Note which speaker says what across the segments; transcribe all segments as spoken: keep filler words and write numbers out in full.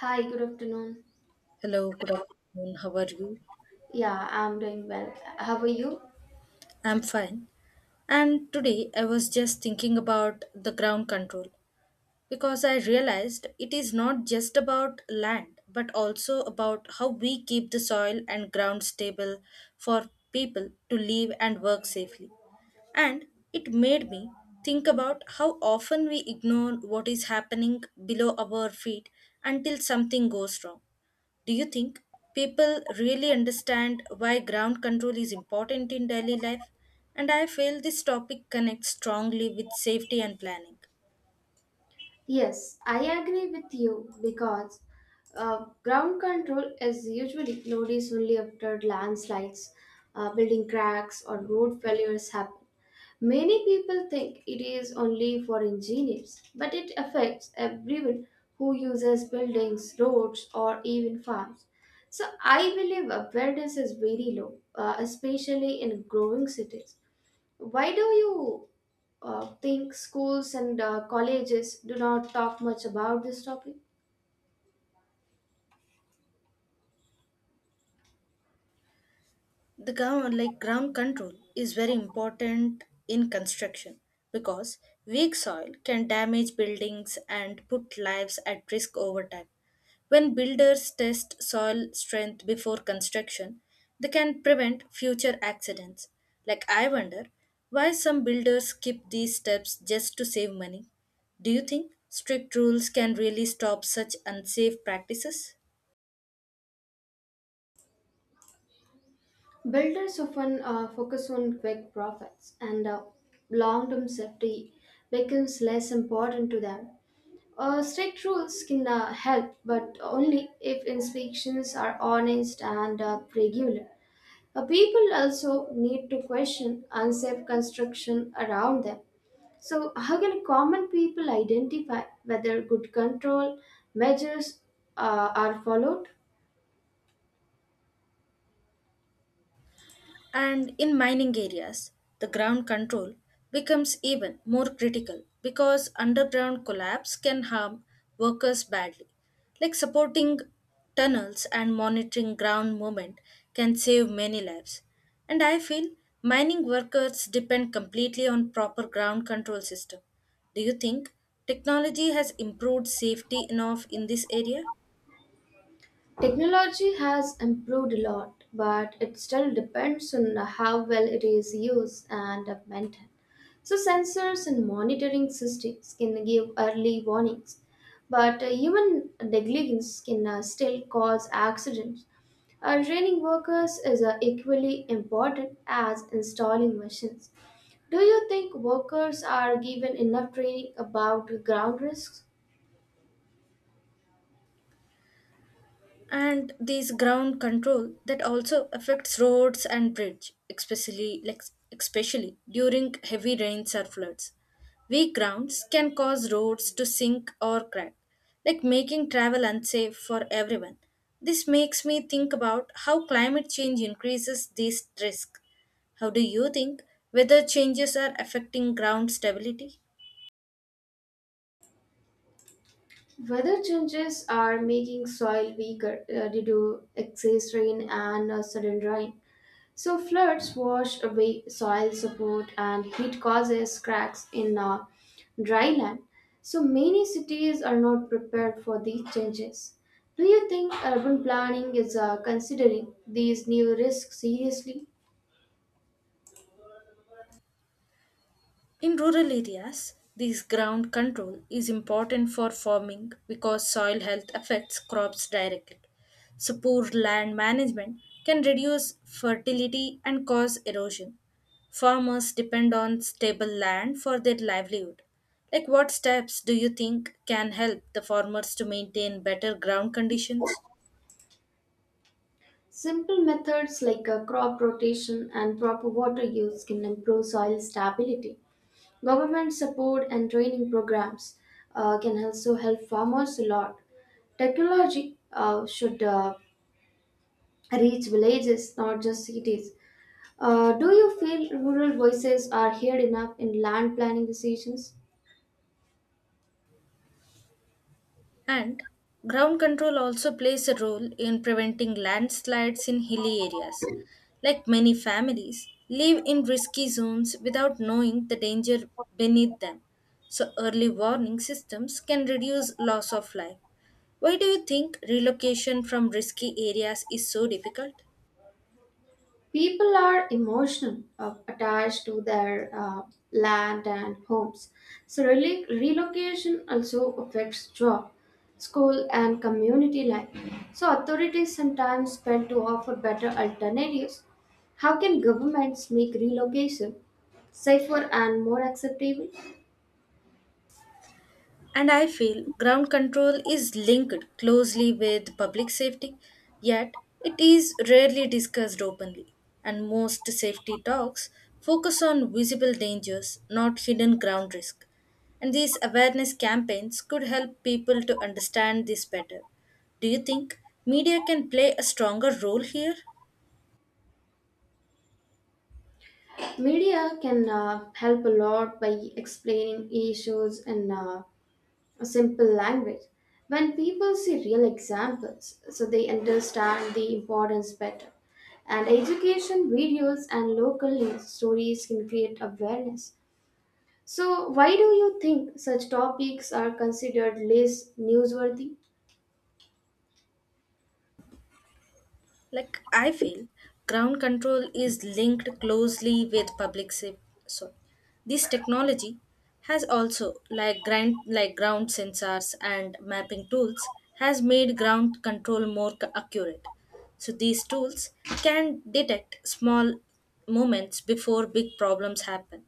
Speaker 1: Hi, good afternoon.
Speaker 2: Hello, good afternoon. How are you?
Speaker 1: Yeah, I'm doing well. How are you?
Speaker 2: I'm fine. And today I was just thinking about the ground control because I realized it is not just about land but also about how we keep the soil and ground stable for people to live and work safely. And it made me think about how often we ignore what is happening below our feet until something goes wrong. Do you think people really understand why ground control is important in daily life? And I feel this topic connects strongly with safety and planning.
Speaker 1: Yes, I agree with you because uh, ground control is usually noticed only after landslides, uh, building cracks, or road failures happen. Many people think it is only for engineers, but it affects everyone who uses buildings, roads, or even farms. So I believe awareness is very low, uh, especially in growing cities. Why do you uh, think schools and uh, colleges do not talk much about this topic?
Speaker 2: The ground like ground control is very important in construction because weak soil can damage buildings and put lives at risk over time. When builders test soil strength before construction, they can prevent future accidents. Like, I wonder why some builders skip these steps just to save money. Do you think strict rules can really stop such unsafe practices?
Speaker 1: Builders often uh, focus on quick profits, and uh, long term safety becomes less important to them. Uh, strict rules can uh, help, but only if inspections are honest and uh, regular. Uh, people also need to question unsafe construction around them. So, how can common people identify whether good control measures uh, are followed?
Speaker 2: And in mining areas, the ground control becomes even more critical because underground collapse can harm workers badly. Like supporting tunnels and monitoring ground movement can save many lives. And I feel mining workers depend completely on proper ground control system. Do you think technology has improved safety enough in this area?
Speaker 1: Technology has improved a lot, but it still depends on how well it is used and maintained. So, sensors and monitoring systems can give early warnings, but uh, human negligence can uh, still cause accidents. Uh, training workers is uh, equally important as installing machines. Do you think workers are given enough training about ground risks?
Speaker 2: And these ground control that also affects roads and bridge, especially like especially during heavy rains or floods. Weak grounds can cause roads to sink or crack, like making travel unsafe for everyone. This makes me think about how climate change increases this risk. How do you think weather changes are affecting ground stability?
Speaker 1: Weather changes are making soil weaker uh, due to excess rain and uh, sudden drying. So floods wash away soil support and heat causes cracks in uh, dry land. So many cities are not prepared for these changes. Do you think urban planning is uh, considering these new risks seriously?
Speaker 2: In rural areas, this ground control is important for farming because soil health affects crops directly. So, poor land management can reduce fertility and cause erosion. Farmers depend on stable land for their livelihood. Like, what steps do you think can help the farmers to maintain better ground conditions?
Speaker 1: Simple methods like uh, crop rotation and proper water use can improve soil stability. Government support and training programs uh, can also help farmers a lot. Technology uh, should uh, reach villages, not just cities. Uh, do you feel rural voices are heard enough in land planning decisions?
Speaker 2: And ground control also plays a role in preventing landslides in hilly areas. Like many families, live in risky zones without knowing the danger beneath them. So early warning systems can reduce loss of life. Why do you think relocation from risky areas is so difficult?
Speaker 1: People are emotional, uh, attached to their uh, land and homes. So rel- relocation also affects job, school, and community life. So authorities sometimes fail to offer better alternatives. How can governments make relocation safer and more acceptable?
Speaker 2: And I feel ground control is linked closely with public safety, yet it is rarely discussed openly, and most safety talks focus on visible dangers, not hidden ground risk. And these awareness campaigns could help people to understand this better. Do you think media can play a stronger role here?
Speaker 1: Media can uh, help a lot by explaining issues and uh, a simple language when people see real examples, so they understand the importance better. And education videos and local news stories can create awareness. So why do you think such topics are considered less newsworthy?
Speaker 2: Like I feel, ground control is linked closely with public safety. So, this technology has also, like ground, like ground sensors and mapping tools, has made ground control more c- accurate. So these tools can detect small moments before big problems happen.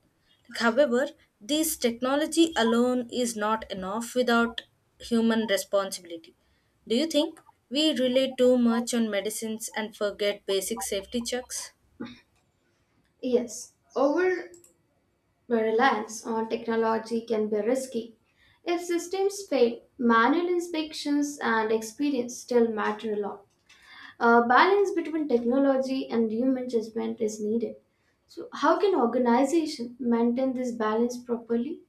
Speaker 2: Like, however, this technology alone is not enough without human responsibility. Do you think we rely too much on medicines and forget basic safety checks?
Speaker 1: Yes, over reliance on technology can be risky. If systems fail, manual inspections and experience still matter a lot. A balance between technology and human judgment is needed. So, how can organization maintain this balance properly?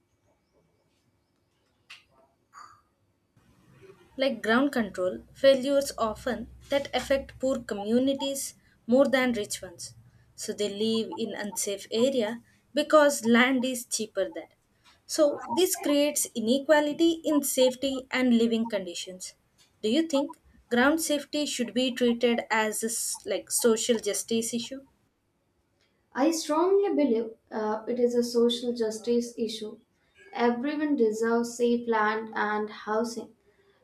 Speaker 2: Like ground control, failures often that affect poor communities more than rich ones. So they live in unsafe area because land is cheaper there. So this creates inequality in safety and living conditions. Do you think ground safety should be treated as a s- like social justice issue?
Speaker 1: I strongly believe uh, it is a social justice issue. Everyone deserves safe land and housing,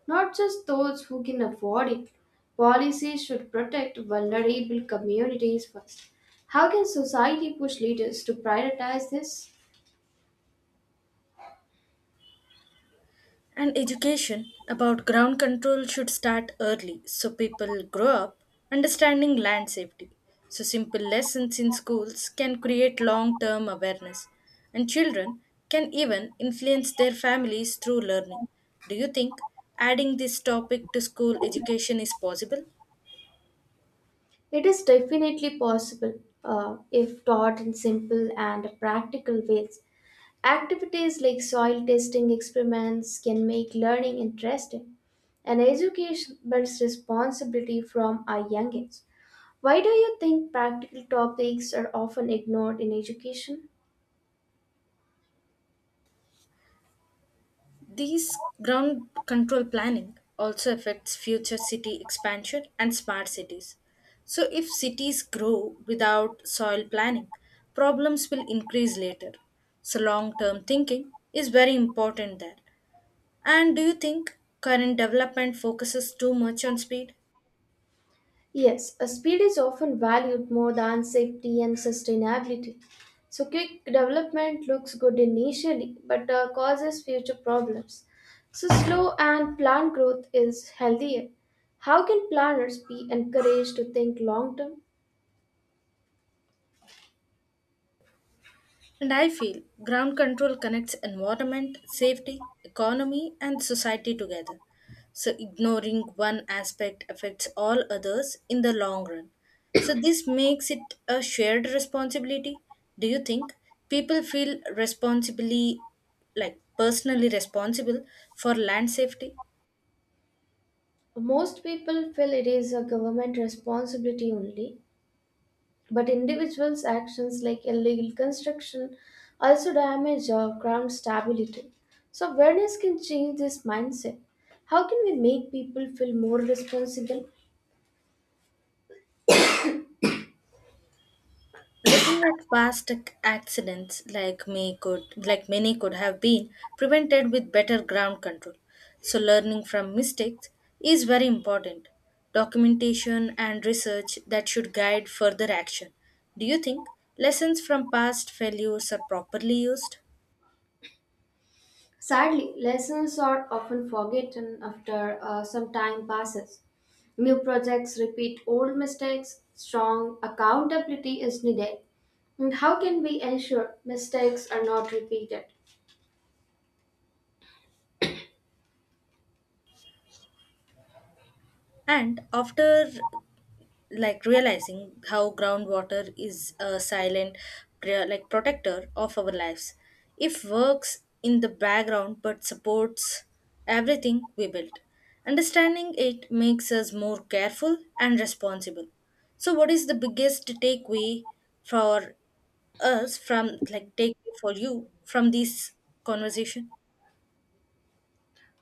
Speaker 1: not just those who can afford it. Policies should protect vulnerable communities first. How can society push leaders to prioritize this?
Speaker 2: And education about ground control should start early so people grow up understanding land safety. So, simple lessons in schools can create long term awareness, and children can even influence their families through learning. Do you think adding this topic to school education is possible?
Speaker 1: It is definitely possible uh, if taught in simple and practical ways. Activities like soil testing experiments can make learning interesting, and education builds responsibility from a young age. Why do you think practical topics are often ignored in education?
Speaker 2: These ground control planning also affects future city expansion and smart cities. So, if cities grow without soil planning, problems will increase later. So, long term thinking is very important there. And do you think current development focuses too much on speed?
Speaker 1: Yes, a speed is often valued more than safety and sustainability. So, quick development looks good initially but uh, causes future problems. So, slow and planned growth is healthier. How can planners be encouraged to think long term?
Speaker 2: And I feel ground control connects environment, safety, economy, and society together. So ignoring one aspect affects all others in the long run. So this makes it a shared responsibility. Do you think people feel responsibly, like personally responsible for land safety?
Speaker 1: Most people feel it is a government responsibility only, but individuals' actions like illegal construction also damage our ground stability. So, awareness can change this mindset. How can we make people feel more responsible?
Speaker 2: Looking at past ac- accidents, like may could like many could have been prevented with better ground control. So learning from mistakes is very important. Documentation and research that should guide further action. Do you think lessons from past failures are properly used?
Speaker 1: Sadly, lessons are often forgotten after uh, some time passes. New projects repeat old mistakes, strong accountability is needed. And how can we ensure mistakes are not repeated?
Speaker 2: And after, like, realizing how groundwater is a silent pre- like protector of our lives, if works in the background but supports everything we build, understanding it makes us more careful and responsible. So what is the biggest takeaway for us from like takeaway for you from this conversation?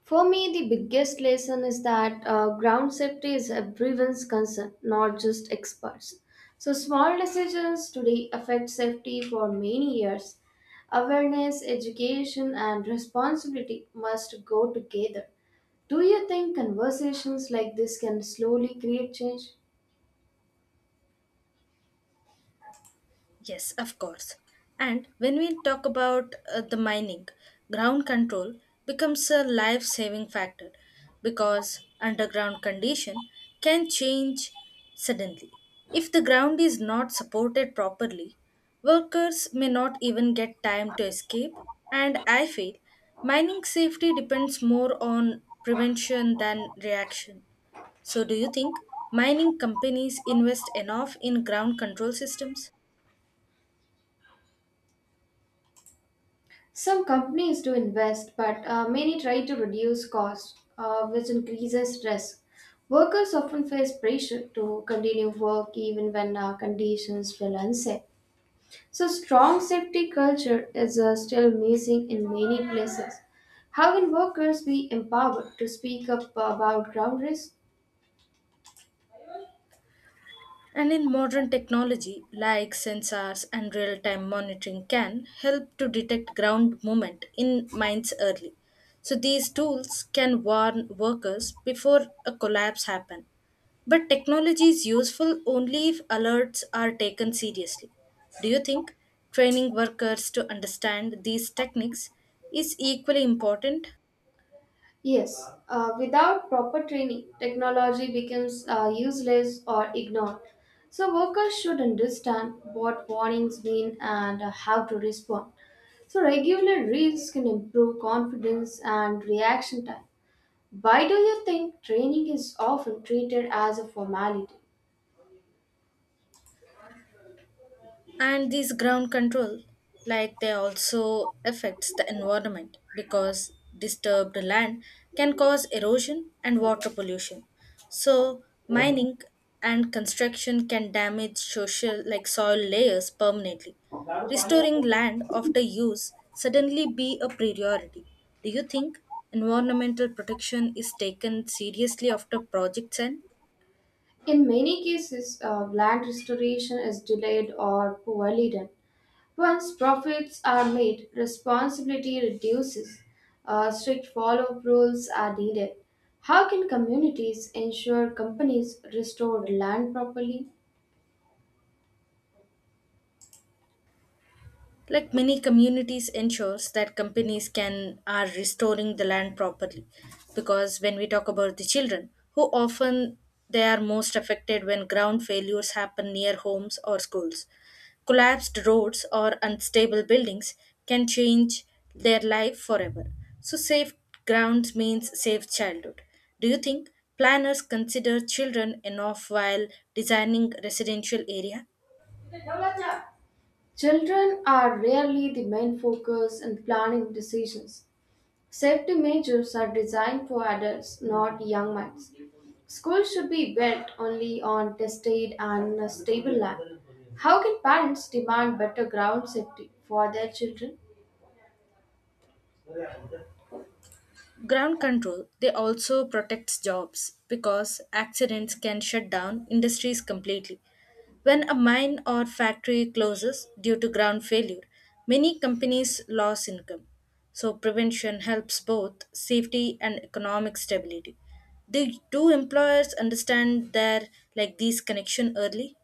Speaker 1: For me, the biggest lesson is that uh, ground safety is everyone's concern, not just experts. So, small decisions today affect safety for many years. Awareness, education, and responsibility must go together. Do you think conversations like this can slowly create change?
Speaker 2: Yes, of course. And when we talk about uh, the mining, ground control becomes a life saving factor because underground condition can change suddenly. If the ground is not supported properly, workers may not even get time to escape, and I feel mining safety depends more on prevention than reaction. So do you think mining companies invest enough in ground control systems?
Speaker 1: Some companies do invest, but uh, many try to reduce costs, uh, which increases risk. Workers often face pressure to continue work even when uh, conditions feel unsafe. So, strong safety culture is uh, still missing in many places. How can workers be empowered to speak up about ground risk?
Speaker 2: And in modern technology, like sensors and real time monitoring, can help to detect ground movement in mines early. So these tools can warn workers before a collapse happen. But technology is useful only if alerts are taken seriously. Do you think training workers to understand these techniques is equally important?
Speaker 1: Yes, uh, without proper training, technology becomes uh, useless or ignored. So, workers should understand what warnings mean and uh, how to respond. So, regular reads can improve confidence and reaction time. Why do you think training is often treated as a formality?
Speaker 2: And these ground control, like they also affects the environment because disturbed land can cause erosion and water pollution. So mining and construction can damage social like soil layers permanently. Restoring land after use suddenly be a priority. Do you think environmental protection is taken seriously after projects end?
Speaker 1: In many cases, uh, land restoration is delayed or poorly done. Once profits are made, responsibility reduces. Uh, strict follow up rules are needed. How can communities ensure companies restore land properly?
Speaker 2: Like many communities ensures that companies can are restoring the land properly, because when we talk about the children who often they are most affected when ground failures happen near homes or schools. Collapsed roads or unstable buildings can change their life forever. So safe grounds means safe childhood. Do you think planners consider children enough while designing residential area?
Speaker 1: Children are rarely the main focus in planning decisions. Safety measures are designed for adults, not young minds. Schools should be built only on tested and stable land. How can parents demand better ground safety for their children?
Speaker 2: Ground control, they also protects jobs because accidents can shut down industries completely. When a mine or factory closes due to ground failure, many companies lose income. So prevention helps both safety and economic stability. Do, do employers understand their like these connection early?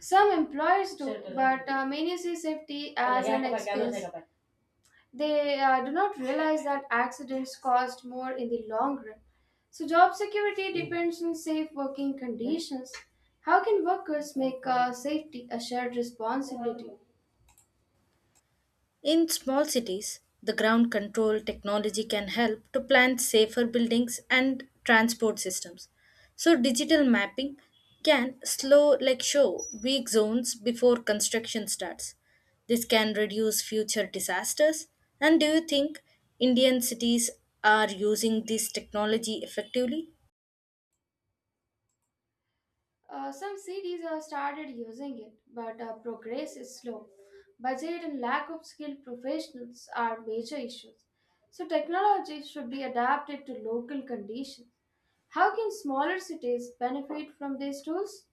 Speaker 1: Some employers do, but uh, many see safety as an excuse. They uh, do not realize that accidents cost more in the long run. So, job security depends on safe working conditions. How can workers make uh, safety a shared responsibility?
Speaker 2: In small cities, the ground control technology can help to plan safer buildings and transport systems. So digital mapping can slow like show weak zones before construction starts. This can reduce future disasters. And do you think Indian cities are using this technology effectively?
Speaker 1: Uh, some cities have started using it, but uh, progress is slow. Budget and lack of skilled professionals are major issues. So, technology should be adapted to local conditions. How can smaller cities benefit from these tools?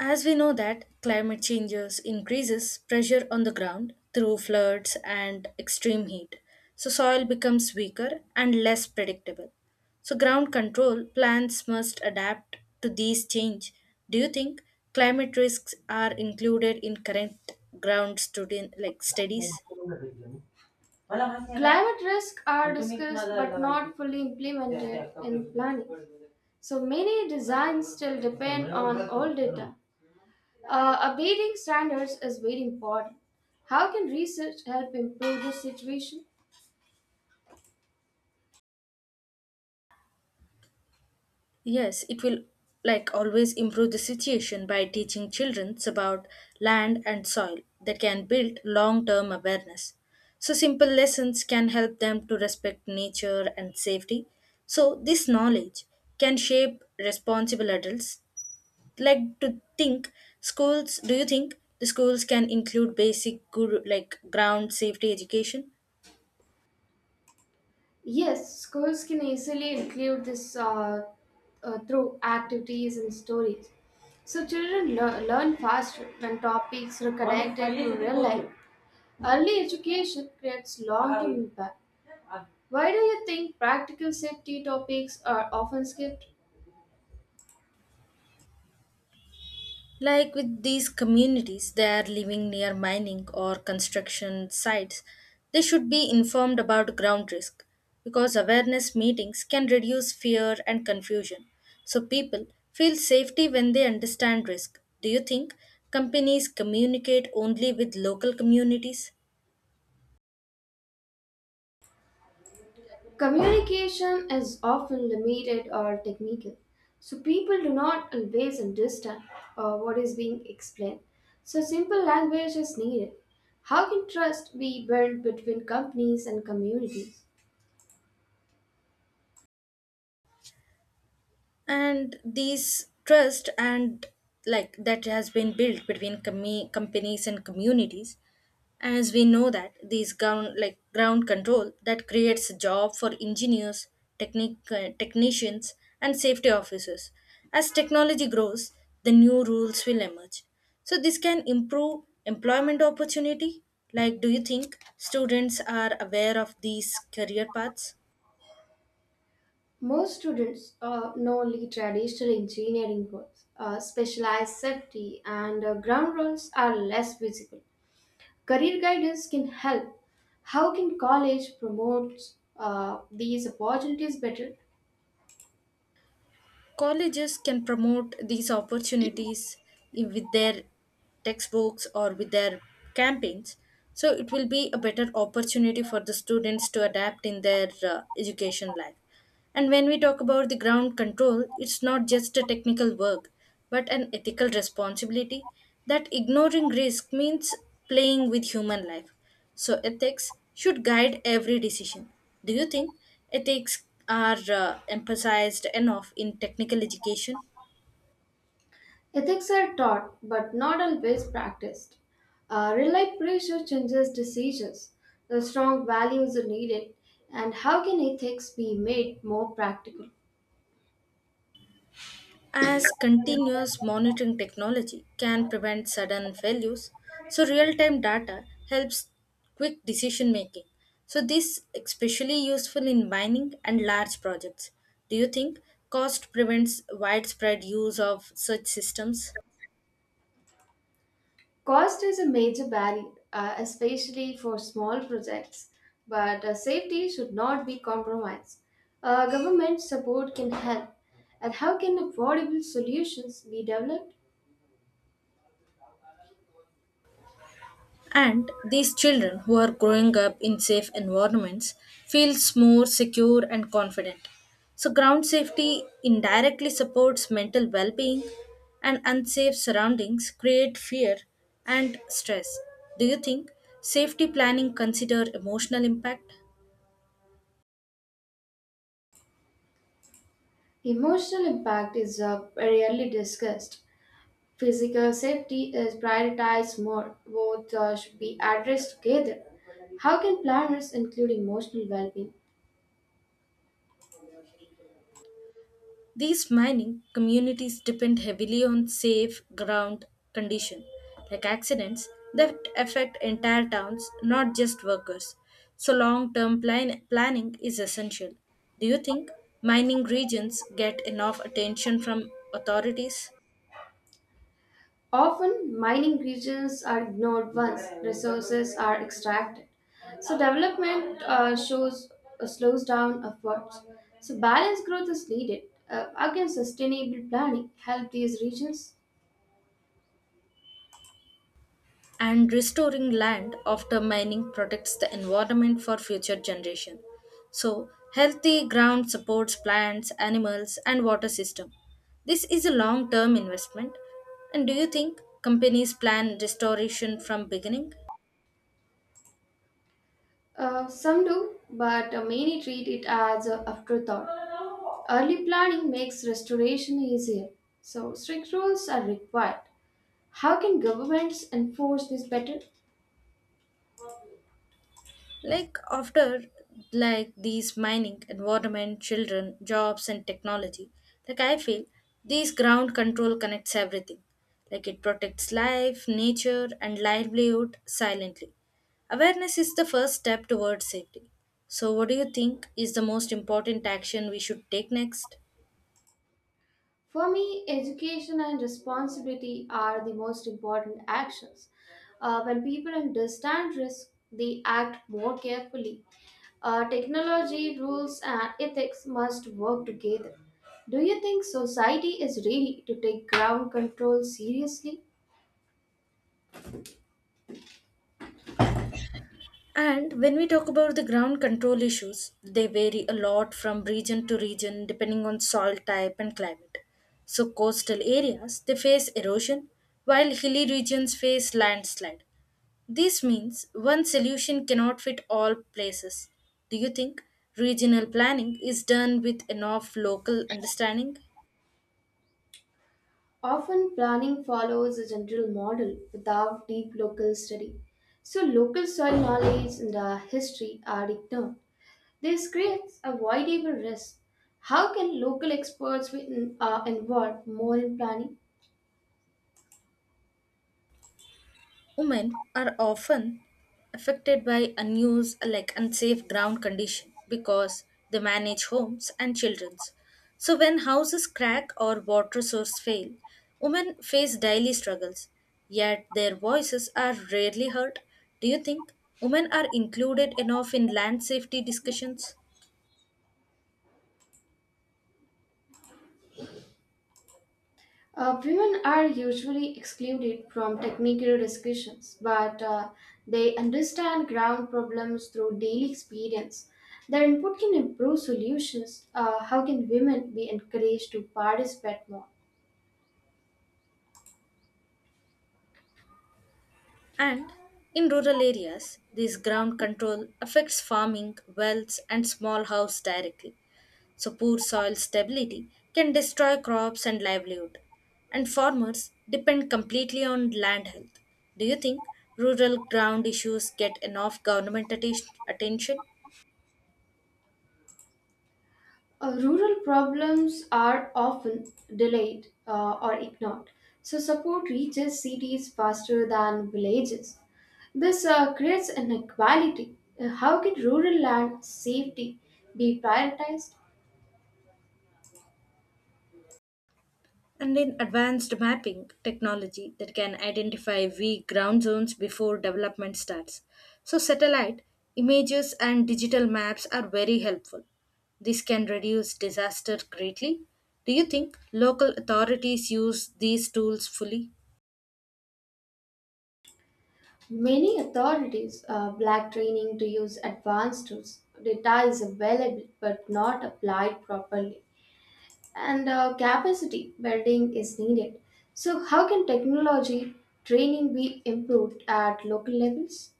Speaker 2: As we know that climate changes increases pressure on the ground through floods and extreme heat. So soil becomes weaker and less predictable. So ground control plans must adapt to these change. Do you think climate risks are included in current ground studi- like studies?
Speaker 1: Climate risks are discussed but not fully. Yeah, yeah, implemented, okay, in planning. So many designs still depend on old data. Uh, updating standards is very important. How can research help improve this situation?
Speaker 2: Yes, it will like always improve the situation by teaching children about land and soil that can build long term awareness. So, simple lessons can help them to respect nature and safety. So, this knowledge can shape responsible adults. Like to think, schools, do you think the schools can include basic, good, like ground safety education?
Speaker 1: Yes, schools can easily include this uh, uh, through activities and stories. So children lear- learn faster when topics are connected to real life. Early education creates long term impact. Why do you think practical safety topics are often skipped?
Speaker 2: Like with these communities, they are living near mining or construction sites. They should be informed about ground risk because awareness meetings can reduce fear and confusion. So people feel safety when they understand risk. Do you think companies communicate only with local communities?
Speaker 1: Communication is often limited or technical, so people do not always understand uh, what is being explained. So, simple language is needed. How can trust be built between companies and communities?
Speaker 2: And these trust and like that has been built between com- companies and communities, as we know that these ground like ground control that creates a job for engineers, technic- uh, technicians and safety officers. As technology grows, the new rules will emerge. So this can improve employment opportunity. Like, do you think students are aware of these career paths?
Speaker 1: Most students uh, know only traditional engineering words, uh, specialized safety, and uh, ground rules are less visible. Career guidance can help. How can college promote uh, these opportunities better?
Speaker 2: Colleges can promote these opportunities in- with their textbooks or with their campaigns. So it will be a better opportunity for the students to adapt in their uh, education life. And when we talk about the ground control, it's not just a technical work, but an ethical responsibility, that ignoring risk means playing with human life. So, ethics should guide every decision. Do you think ethics are uh, emphasized enough in technical education?
Speaker 1: Ethics are taught but not always practiced. Uh, real life pressure changes decisions. The strong values are needed, and how can ethics be made more practical?
Speaker 2: As continuous monitoring technology can prevent sudden failures. So, real time data helps quick decision making. So, this especially useful in mining and large projects. Do you think cost prevents widespread use of such systems?
Speaker 1: Cost is a major barrier, uh, especially for small projects, but uh, safety should not be compromised. Uh, government support can help, and how can affordable solutions be developed?
Speaker 2: And these children who are growing up in safe environments feels more secure and confident. So ground safety indirectly supports mental well-being, and unsafe surroundings create fear and stress. Do you think safety planning consider emotional impact?
Speaker 1: Emotional impact is uh, rarely discussed. Physical safety is prioritized more. Both uh, should be addressed together. How can planners include emotional well being?
Speaker 2: These mining communities depend heavily on safe ground condition, like accidents that affect entire towns, not just workers. So long-term plan- planning is essential. Do you think mining regions get enough attention from authorities?
Speaker 1: Often, mining regions are ignored once resources are extracted. So, development uh, shows uh, slows down efforts. So, balanced growth is needed. Uh, again, sustainable planning help these regions.
Speaker 2: And restoring land after mining protects the environment for future generation. So healthy ground supports plants, animals and water system. This is a long term investment. And do you think companies plan restoration from beginning?
Speaker 1: Uh, some do, but uh, many treat it as an afterthought. Early planning makes restoration easier. So, strict rules are required. How can governments enforce this better?
Speaker 2: Like after, like these mining, environment, children, jobs and technology, like I feel these ground control connects everything. Like it protects life, nature and livelihood silently. Awareness is the first step towards safety. So what do you think is the most important action we should take next?
Speaker 1: For me, education and responsibility are the most important actions. Uh, when people understand risk, they act more carefully. Uh, technology, rules, and ethics must work together. Do you think society is ready to take ground control seriously?
Speaker 2: And when we talk about the ground control issues, they vary a lot from region to region depending on soil type and climate. So coastal areas they face erosion while hilly regions face landslide. This means one solution cannot fit all places. Do you think regional planning is done with enough local understanding?
Speaker 1: Often, planning follows a general model without deep local study. So, local soil knowledge and uh, history are ignored. This creates a wide able risk. How can local experts be in- uh, involved more in planning?
Speaker 2: Women are often affected by unused, like unsafe ground condition because they manage homes and children's. So when houses crack or water source fail, women face daily struggles. Yet their voices are rarely heard. Do you think women are included enough in land safety discussions?
Speaker 1: Uh, women are usually excluded from technical discussions, but uh, they understand ground problems through daily experience. Their input can improve solutions. Uh, how can women be encouraged to participate more?
Speaker 2: And in rural areas, this ground control affects farming, wells, and small house directly. So, poor soil stability can destroy crops and livelihood, and farmers depend completely on land health. Do you think rural ground issues get enough government atten- attention?
Speaker 1: Uh, rural problems are often delayed uh, or ignored, so support reaches cities faster than villages. This uh, creates inequality. Uh, How can rural land safety be prioritized?
Speaker 2: And in advanced mapping technology that can identify weak ground zones before development starts. So, satellite images and digital maps are very helpful. This can reduce disaster greatly. Do you think local authorities use these tools fully?
Speaker 1: Many authorities uh, lack training to use advanced tools. Data is available but not applied properly. And uh, capacity building is needed. So, how can technology training be improved at local levels?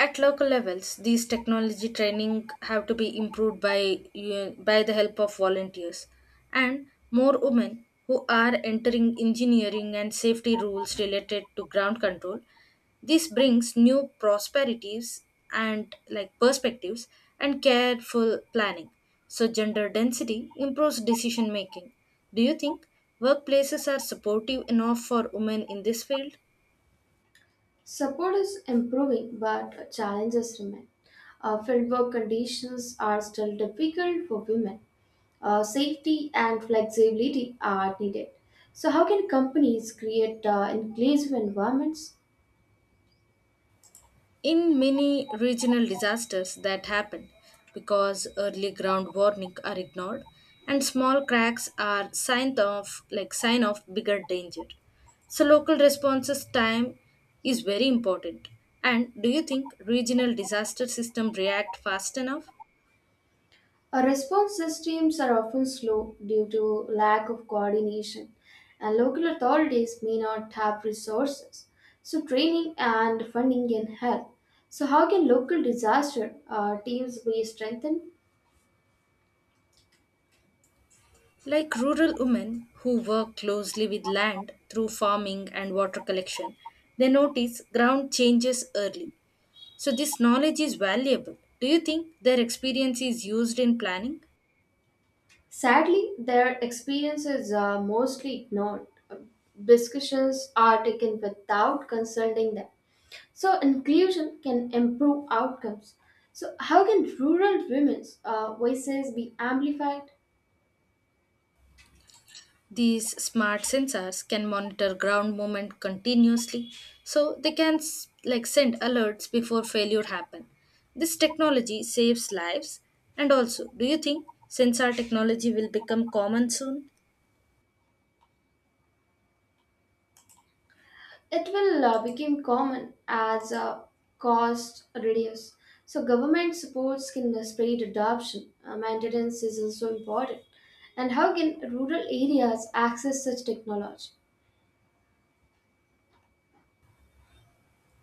Speaker 2: At local levels, these technology training have to be improved by uh, by the help of volunteers, and more women who are entering engineering and safety rules related to ground control. This brings new prosperities and like perspectives and careful planning. So gender density improves decision making. Do you think workplaces are supportive enough for women in this field?
Speaker 1: Support is improving, but challenges remain. Uh, fieldwork conditions are still difficult for women. Uh, safety and flexibility are needed. So, how can companies create uh, inclusive environments?
Speaker 2: In many regional disasters that happened, because early ground warning are ignored, and small cracks are sign of like sign of bigger danger. So local responses time is very important. And do you think regional disaster system react fast enough?
Speaker 1: Our response systems are often slow due to lack of coordination, and local authorities may not have resources. So, training and funding can help. So, how can local disaster uh, teams be strengthened?
Speaker 2: Like rural women who work closely with land through farming and water collection, they notice ground changes early. So, this knowledge is valuable. Do you think their experience is used in planning?
Speaker 1: Sadly, their experience is uh, mostly ignored. Discussions are taken without consulting them. So, inclusion can improve outcomes. So, how can rural women's uh, voices be amplified?
Speaker 2: These smart sensors can monitor ground movement continuously, so they can s- like send alerts before failure happen. This technology saves lives. And also, do you think sensor technology will become common soon?
Speaker 1: It will uh, become common as uh, cost reduce. So government supports can uh, spread adoption. Uh, maintenance is also important. And how can rural areas access such technology?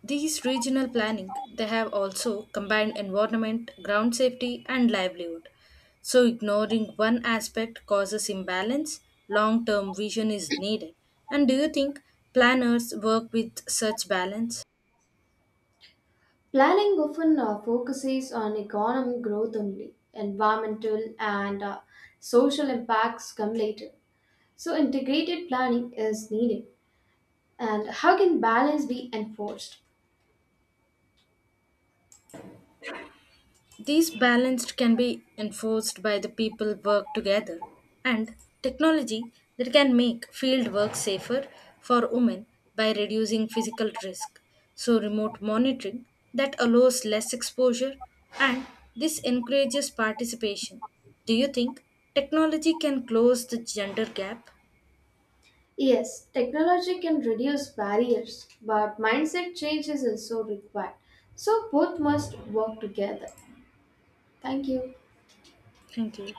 Speaker 2: These regional planning they have also combined environment, ground safety and livelihood. So ignoring one aspect causes imbalance, long-term vision is needed. And do you think planners work with such balance?
Speaker 1: Planning often uh, focuses on economic growth only. Environmental and uh, social impacts come later. So integrated planning is needed. And how can balance be enforced?
Speaker 2: These balanced can be enforced by the people work together, and technology that can make field work safer for women by reducing physical risk. So remote monitoring that allows less exposure and this encourages participation. Do you think technology can close the gender gap?
Speaker 1: Yes, technology can reduce barriers, but mindset change is also required. So both must work together. Thank you.
Speaker 2: Thank you.